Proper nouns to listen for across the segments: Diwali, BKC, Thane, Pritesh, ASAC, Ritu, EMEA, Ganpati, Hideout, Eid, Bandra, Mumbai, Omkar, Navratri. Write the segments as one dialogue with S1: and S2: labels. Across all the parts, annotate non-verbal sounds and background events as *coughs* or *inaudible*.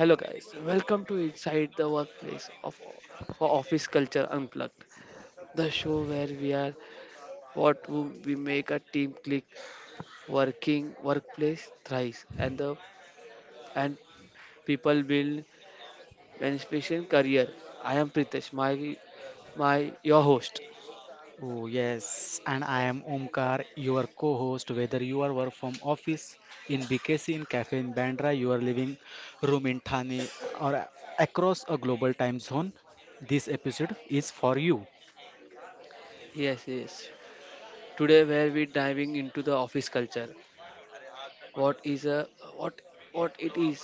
S1: Hello guys, welcome to Inside the Workplace of for Office Culture Unplugged, the show where we are we make a team click, working workplace thrives, and people build inspiration career. I am Pritesh, my your host.
S2: Oh, yes. And I am Omkar, your co host. Whether you are work from office in BKC, in cafe in Bandra, your living room in Thane, or across a global time zone, this episode is for you.
S1: Yes, yes. Today where we diving into the office culture. What is a what what it is,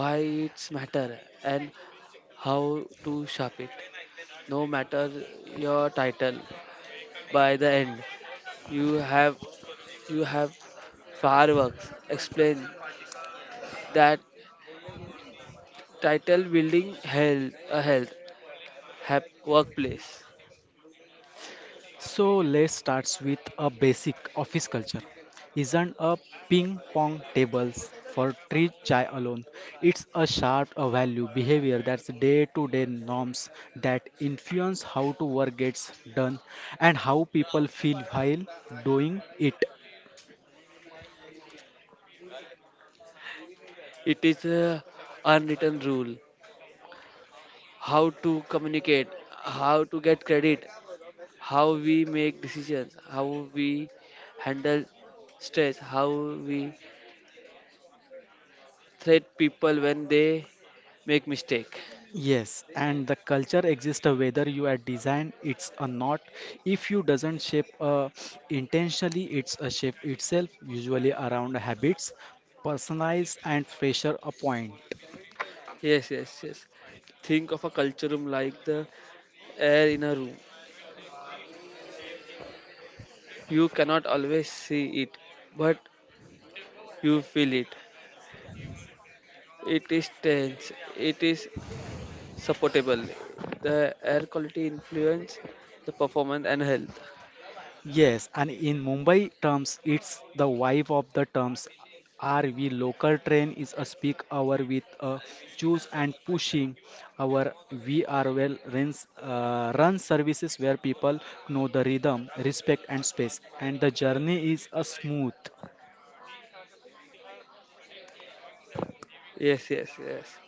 S1: why it's matter, and how to shape it. No matter your title. By the end, you have you have fireworks. Explain that title building health workplace.
S2: So let's start with a basic office culture. Isn't a ping pong tables for three chai alone. It's a sharp a value behavior that's day to day norms that influence how to work gets done and how people feel while doing it.
S1: It is a unwritten rule. How to communicate, how to get credit, how we make decisions, how we handle stress, how we treat people when they make mistake.
S2: Yes, and the culture exists whether you are design it's or not. If you doesn't shape intentionally, it's a shape itself, usually around habits, personalized and pressure a point.
S1: Yes, yes, yes. Think of a culture room like the air in a room. You cannot always see it, but you feel it. It is tense, it is supportable. The air quality influence the performance and health.
S2: Yes, and in Mumbai terms, it's the wife of the terms. RV local train is a speak hour with a choose and pushing. Our We are well runs run services where people know the rhythm, respect and space, and the journey is a smooth.
S1: Yes, yes, yes.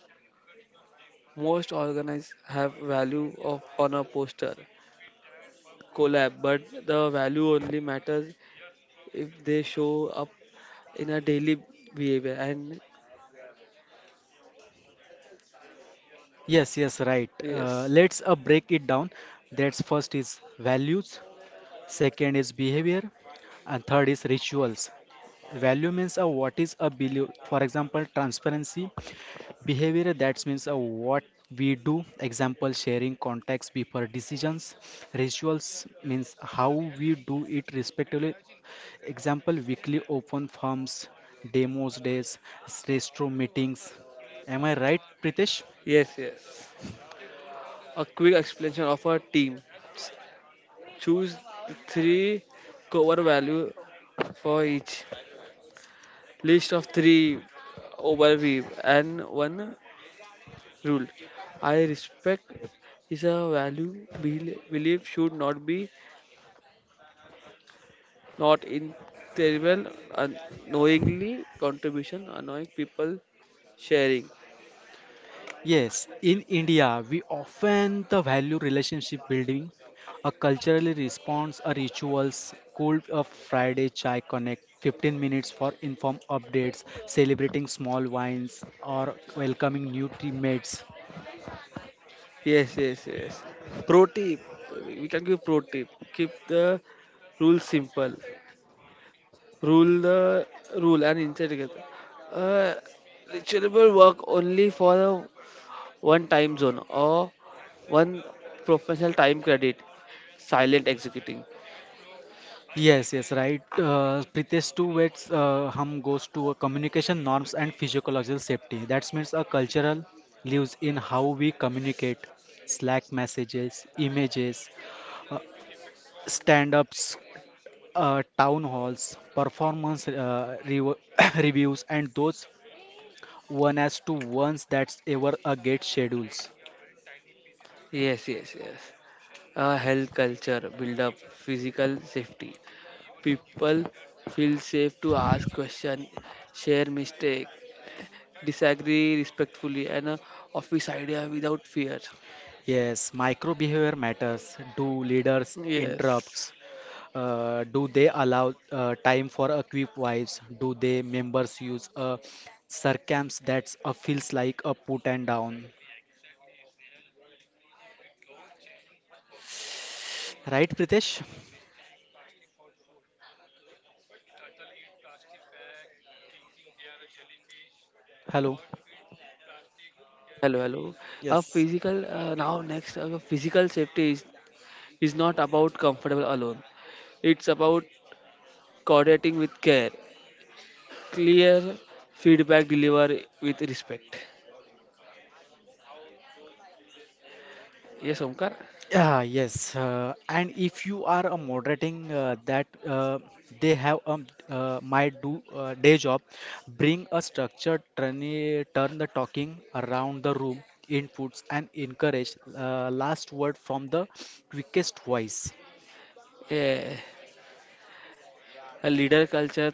S1: Most organized have value of on a poster collab, but the value only matters if they show up in a daily behavior. And
S2: Yes, yes, right.
S1: yes,
S2: Let's break it down. That's first is values, second is behavior, and third is rituals. Value means what is a belief. For example, transparency. Behavior that means what we do, example sharing context before decisions. Rituals means how we do it respectively. Example weekly open forums, demos days, stress meetings. Am I right, Pritesh?
S1: yes, yes. A quick explanation of a team. Choose three cover value for each. List of three overview and one rule. I respect is a value belief should not be not in terrible unknowingly contribution annoying people sharing.
S2: Yes, in India, we often the value relationship building, a culturally response, a rituals, cold a Friday chai connect, 15 minutes for inform updates, celebrating small wines or welcoming new teammates.
S1: Yes, yes, yes. Pro tip. We can give pro tip. Keep the rules simple. Rule the rule and inside together. Uh, reachable work only for a one time zone or one professional time credit. Silent executing.
S2: Yes, yes, right. Pritesh too, hum goes to a communication norms and physiological safety. That means a cultural lives in how we communicate, Slack messages, images, uh, stand-ups, town halls, performance *coughs* reviews, and those one as to ones that ever get schedules.
S1: Yes, yes, yes. Health culture build up physical safety. People feel safe to ask question, share mistake, disagree respectfully, and office idea without fear.
S2: Yes, micro behavior matters. Do leaders
S1: Yes.
S2: interrupts? Do they allow time for a quick wives? Do they members use a circums that feels like a put and down? Right, Pritesh? Hello.
S1: Hello, hello. A
S2: Yes.
S1: physical now next physical safety is not about comfortable alone. It's about coordinating with care, clear feedback deliver with respect. Yes, Omkar.
S2: Yeah, yes. And if you are moderating that they have my do day job, bring a structured turn, turn the talking around the room, inputs and encourage last word from the quickest voice.
S1: Yeah. A leader culture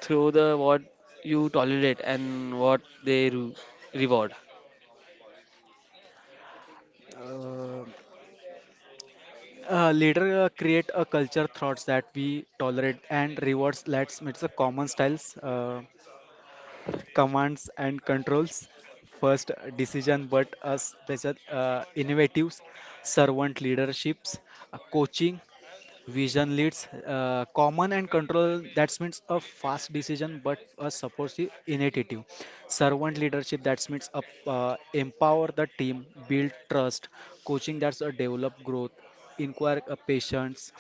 S1: through the what you tolerate and what they reward.
S2: Uh, Leader create a culture thoughts that we tolerate and rewards. Let's it's a common styles. Commands and controls first decision but a special innovatives servant leaderships coaching Vision leads common and control. That means a fast decision, but a supportive initiative. Servant leadership. That means up, empower the team, build trust. Coaching. That's a develop growth. Inquire patience.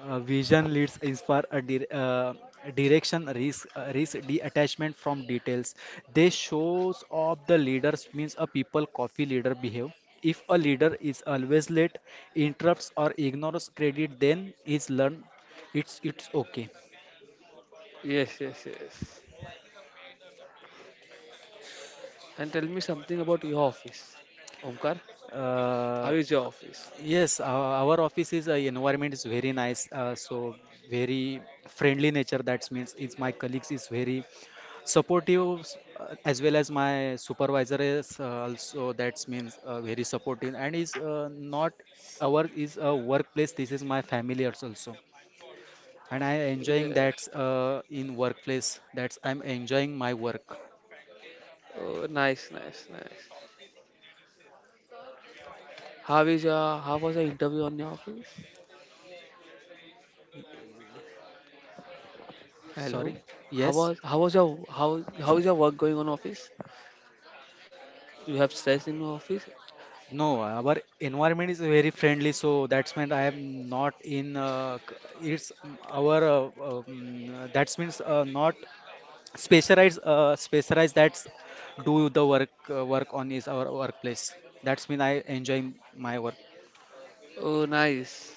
S2: Vision leads inspire a direction risk risk detachment from details. They shows of the leaders means a people coffee leader behave if a leader is always late, interrupts or ignores credit, then is learned it's okay.
S1: Yes, yes, yes. And tell me something about your office, Omkar.
S2: Uh,
S1: How is your office?
S2: yes, our office is environment is very nice, so very friendly nature. That means is my colleagues is very supportive as well as my supervisor is also that means very supportive and is not our is a workplace this is my family also and I enjoying
S1: Yeah.
S2: that in workplace that's I'm enjoying my work.
S1: Oh, nice, nice, nice. How is your how was your interview on your office? Hello.
S2: Sorry.
S1: How
S2: Yes.
S1: was how was your how how is your work going on office? You have stress in your office?
S2: No, our environment is very friendly so that's meant I am not in it's our that's means not specialized, specialize that's do the work work on is our workplace that's mean I enjoy my work.
S1: Oh nice.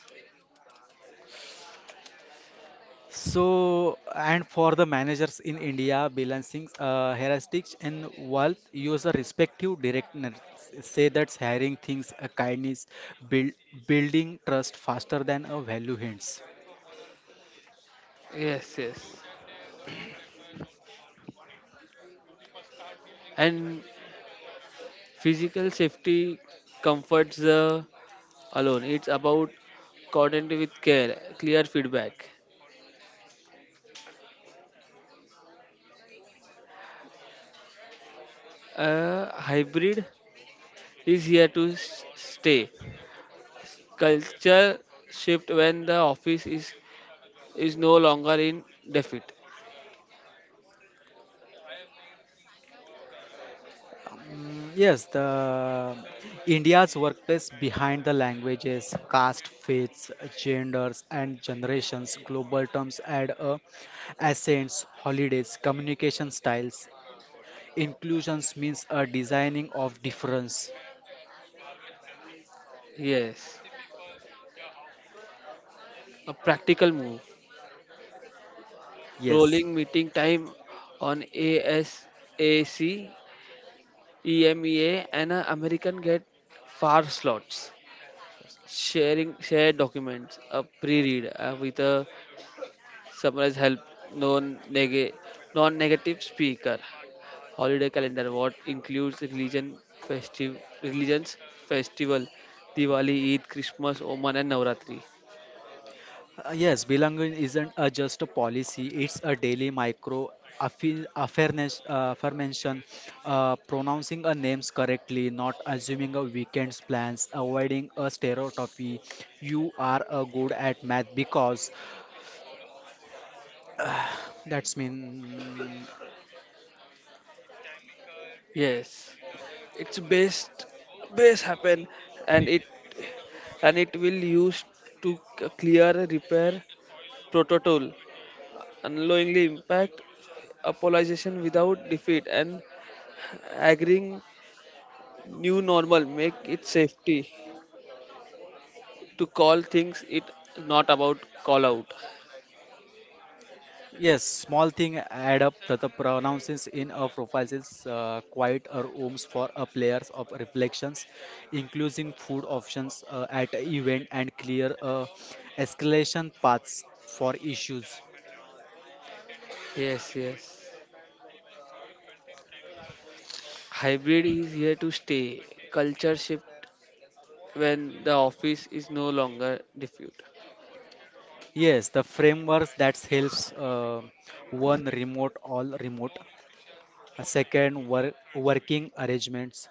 S2: So and for the managers in india balancing heuristics and wealth use a respective directness say that's hiring things a kindness build, building trust faster than a value hints.
S1: Yes, yes. And physical safety comforts the alone. It's about coordinate with care, clear feedback. Hybrid is here to stay. Culture shift when the office is no longer in defeat.
S2: Yes, the India's workplace behind the languages, caste, faiths, genders, and generations, global terms add a accents, holidays, communication styles. Inclusions means a designing of difference.
S1: Yes, a practical move.
S2: Yes.
S1: Rolling meeting time on ASAC, EMEA, and American get far slots. Sharing shared documents, a pre-read with a summarize help, non neg non-negative speaker. Holiday calendar what includes religion festive religions festival, Diwali, Eid, Christmas, Oman, and Navratri.
S2: Yes, belonging isn't a, just a policy, it's a daily micro affairness, affirmation, pronouncing a names correctly, not assuming a weekend's plans, avoiding a stereotype. You are a good at math because that's mean.
S1: Yes, it's best happen and it and it will use to clear a repair protocol unknowingly impact apologization without defeat and agreeing new normal make it safety to call things it not about call out.
S2: Yes, small thing add up. The pronouncements in our profiles is quite our homes for our players of reflections, including food options at a event and clear escalation paths for issues.
S1: Yes, yes, hybrid is here to stay, culture shift when the office is no longer diffused.
S2: Yes, the frameworks that helps one remote all remote. A second work, working arrangements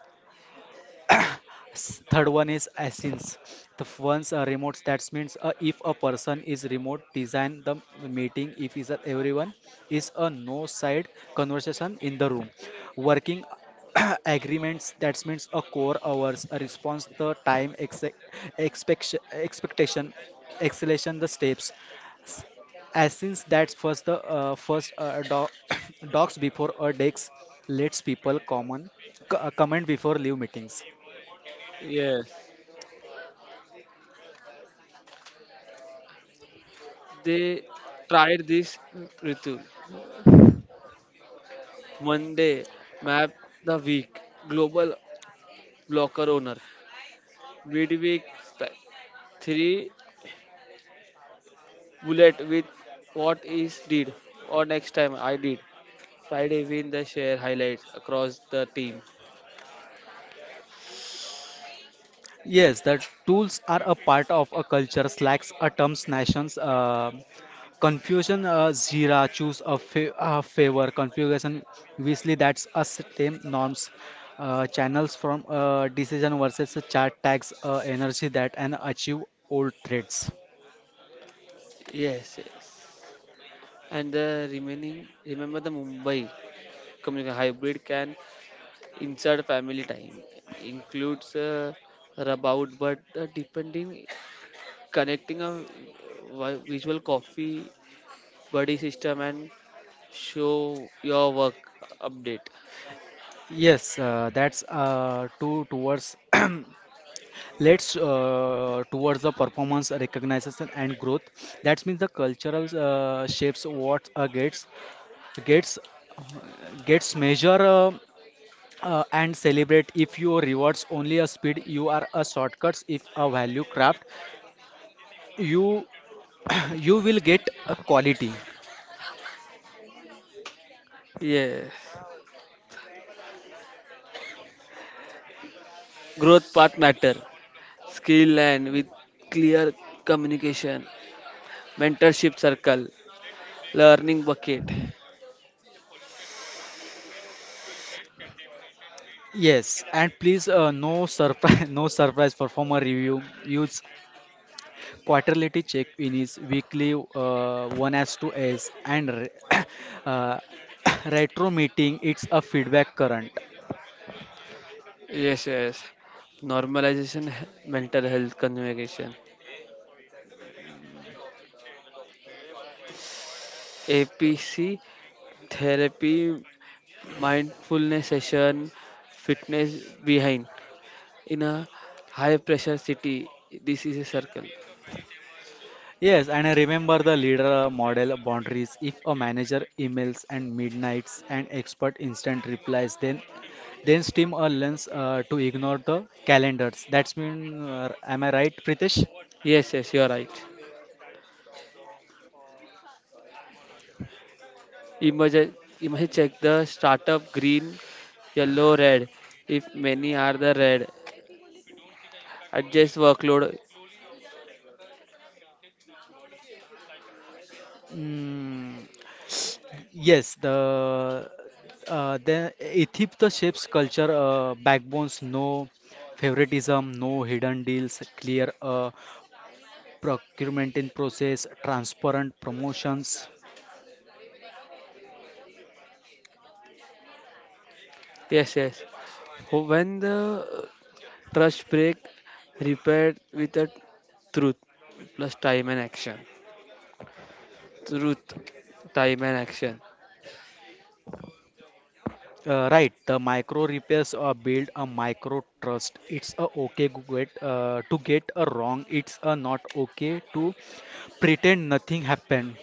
S2: Third one is Asins. The ones are remote. That means if a person is remote, design the meeting. If is that everyone is a no side conversation in the room. Working *coughs* *clears throat* agreements. That means a core hours, a response, the time, expect expectation, acceleration, the steps. S- Asins. That's first the *coughs* docs before a decks. Lets people comment before leave meetings.
S1: Yes, they tried this Ritu. Monday map the week global blocker owner. Midweek three bullet with what is did or next time I did. Friday win the share highlights across the team.
S2: Yes, that tools are a part of a culture, slacks, atoms, nations, confusion, Jira, choose a, a favor, configuration, obviously that's a same norms, channels from decision versus a chart tags, energy that and achieve old threads.
S1: Yes, yes. And the remaining remember the Mumbai community hybrid can insert family time includes about but depending connecting a visual coffee buddy system and show your work update.
S2: Yes, that's two towards *clears throat* let's towards the performance recognition and growth. That means the cultural shapes what gets gets measure and celebrate if your rewards only a speed you are a shortcuts if a value craft you *clears throat* you will get a quality.
S1: Yes. Growth path matter, skill and with clear communication, mentorship circle, learning bucket.
S2: Yes and please no surprise *laughs* no surprise performer review use quarterly check in is weekly one as two as and *coughs* uh, *coughs* retro meeting it's a feedback current.
S1: Yes, yes. Normalization, mental health communication, APC therapy, mindfulness session, fitness behind. In a high pressure city, this is a circle.
S2: Yes, and I remember the leader model boundaries. If a manager emails and midnights and expert instant replies, then steam or lens to ignore the calendars. That's mean, am I right, Pritesh?
S1: Yes, yes, you are right. Emerge, emerge check the startup green, yellow, red. If many are the red, adjust workload.
S2: Mm, yes, the Ethiopia the shapes culture backbones, no favoritism, no hidden deals, clear procurement in process, transparent promotions.
S1: Yes, yes. When the trust break, repair with a truth plus time and action. Truth, time and action.
S2: Right, the micro repairs build a micro trust. It's a okay to get a wrong. It's a not okay to pretend nothing happened.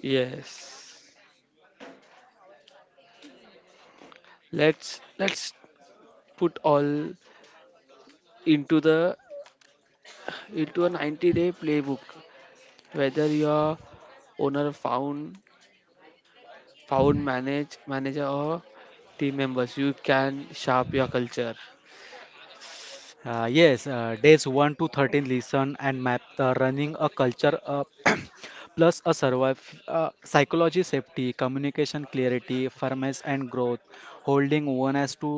S1: Yes. Let's put all into the into a 90-day day playbook. Whether your owner found found manage manager or team members, you can sharp your culture.
S2: Yes, days 1 to 13 listen and map the running a culture *clears throat* plus a survive psychology safety, communication clarity, firmness and growth. Holding one as to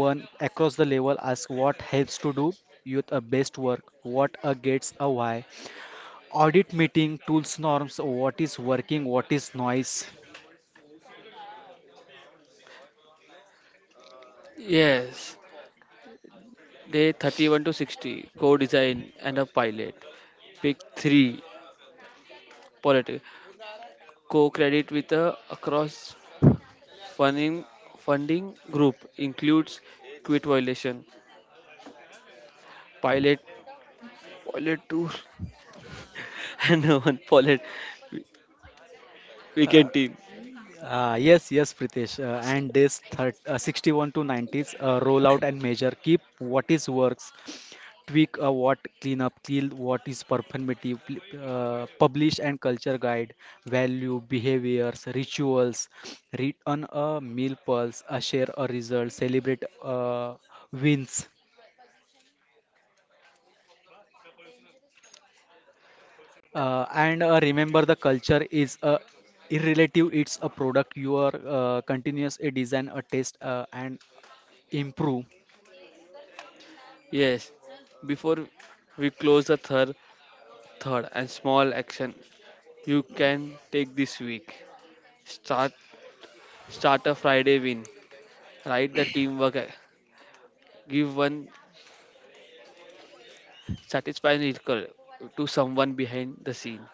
S2: one across the level as what helps to do youth a best work, what a gets a why audit meeting tools norms what is working what is noise.
S1: Yes, Day 31 to 60, co-design and a pilot. Pick 3, politics. Co-credit with a across funding, funding group includes quit violation, pilot, pilot tour, *laughs* and one pilot
S2: uh,
S1: weekend team.
S2: uh, yes yes pritesh and this 61 to 90s roll out and measure keep what is works tweak what clean up Kill what is performative publish and culture guide value behaviors rituals read on a meal pulse share a result celebrate wins. And Remember, the culture is irrelative. It's a product you are continuous a design, a test, and improve.
S1: Yes, before we close the third and small action you can take this week. Start, start a Friday win. Write the teamwork. Give one satisfying ritual to someone behind the scene.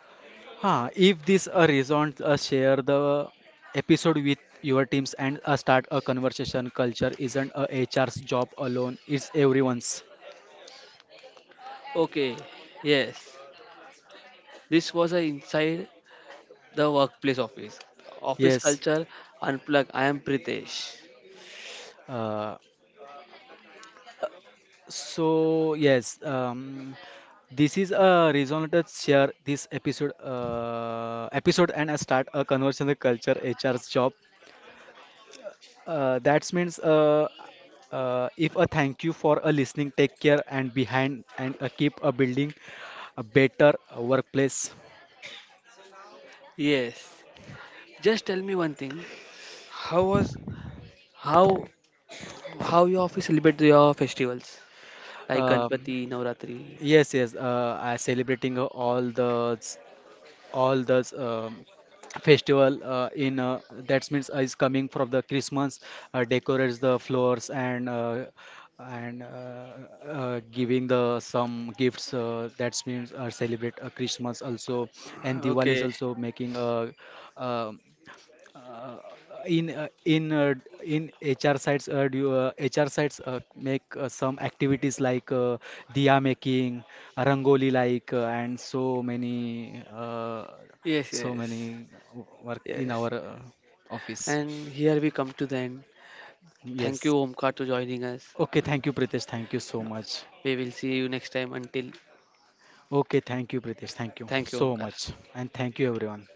S2: Huh, if this resonates, share the episode with your teams and start a conversation. Culture isn't a HR's job alone; it's everyone's.
S1: Okay, yes, this was a inside the workplace office. Office
S2: Yes.
S1: culture unplug. I am Pritesh.
S2: Uh, so yes, this is a reason to share this episode and start a conversation with culture HR's job. That means If a thank you for a listening, take care and behind and keep a building a better workplace.
S1: Yes, just tell me one thing. How was how how your office celebrate your festivals like
S2: Um,
S1: Ganpati, Navratri?
S2: yes, I celebrating all the all those festival in that means is coming from the Christmas decorates the floors and giving the some gifts that means celebrate Christmas also and Diwali is
S1: Okay,
S2: also making a uh, um, uh, in uh, in uh, in HR sites HR sites make some activities like diya making, rangoli like, and so many
S1: yes,
S2: so
S1: yes,
S2: many work in
S1: yes.
S2: our office.
S1: And here we come to the end. Thank you,
S2: Yes.
S1: Omkar, to joining us.
S2: Okay. Thank you, Pritesh. Thank you so much.
S1: We will see you next time. Until
S2: Okay. Thank you, Pritesh. Thank you
S1: thank you,
S2: so
S1: Omkar.
S2: much, and thank you, everyone.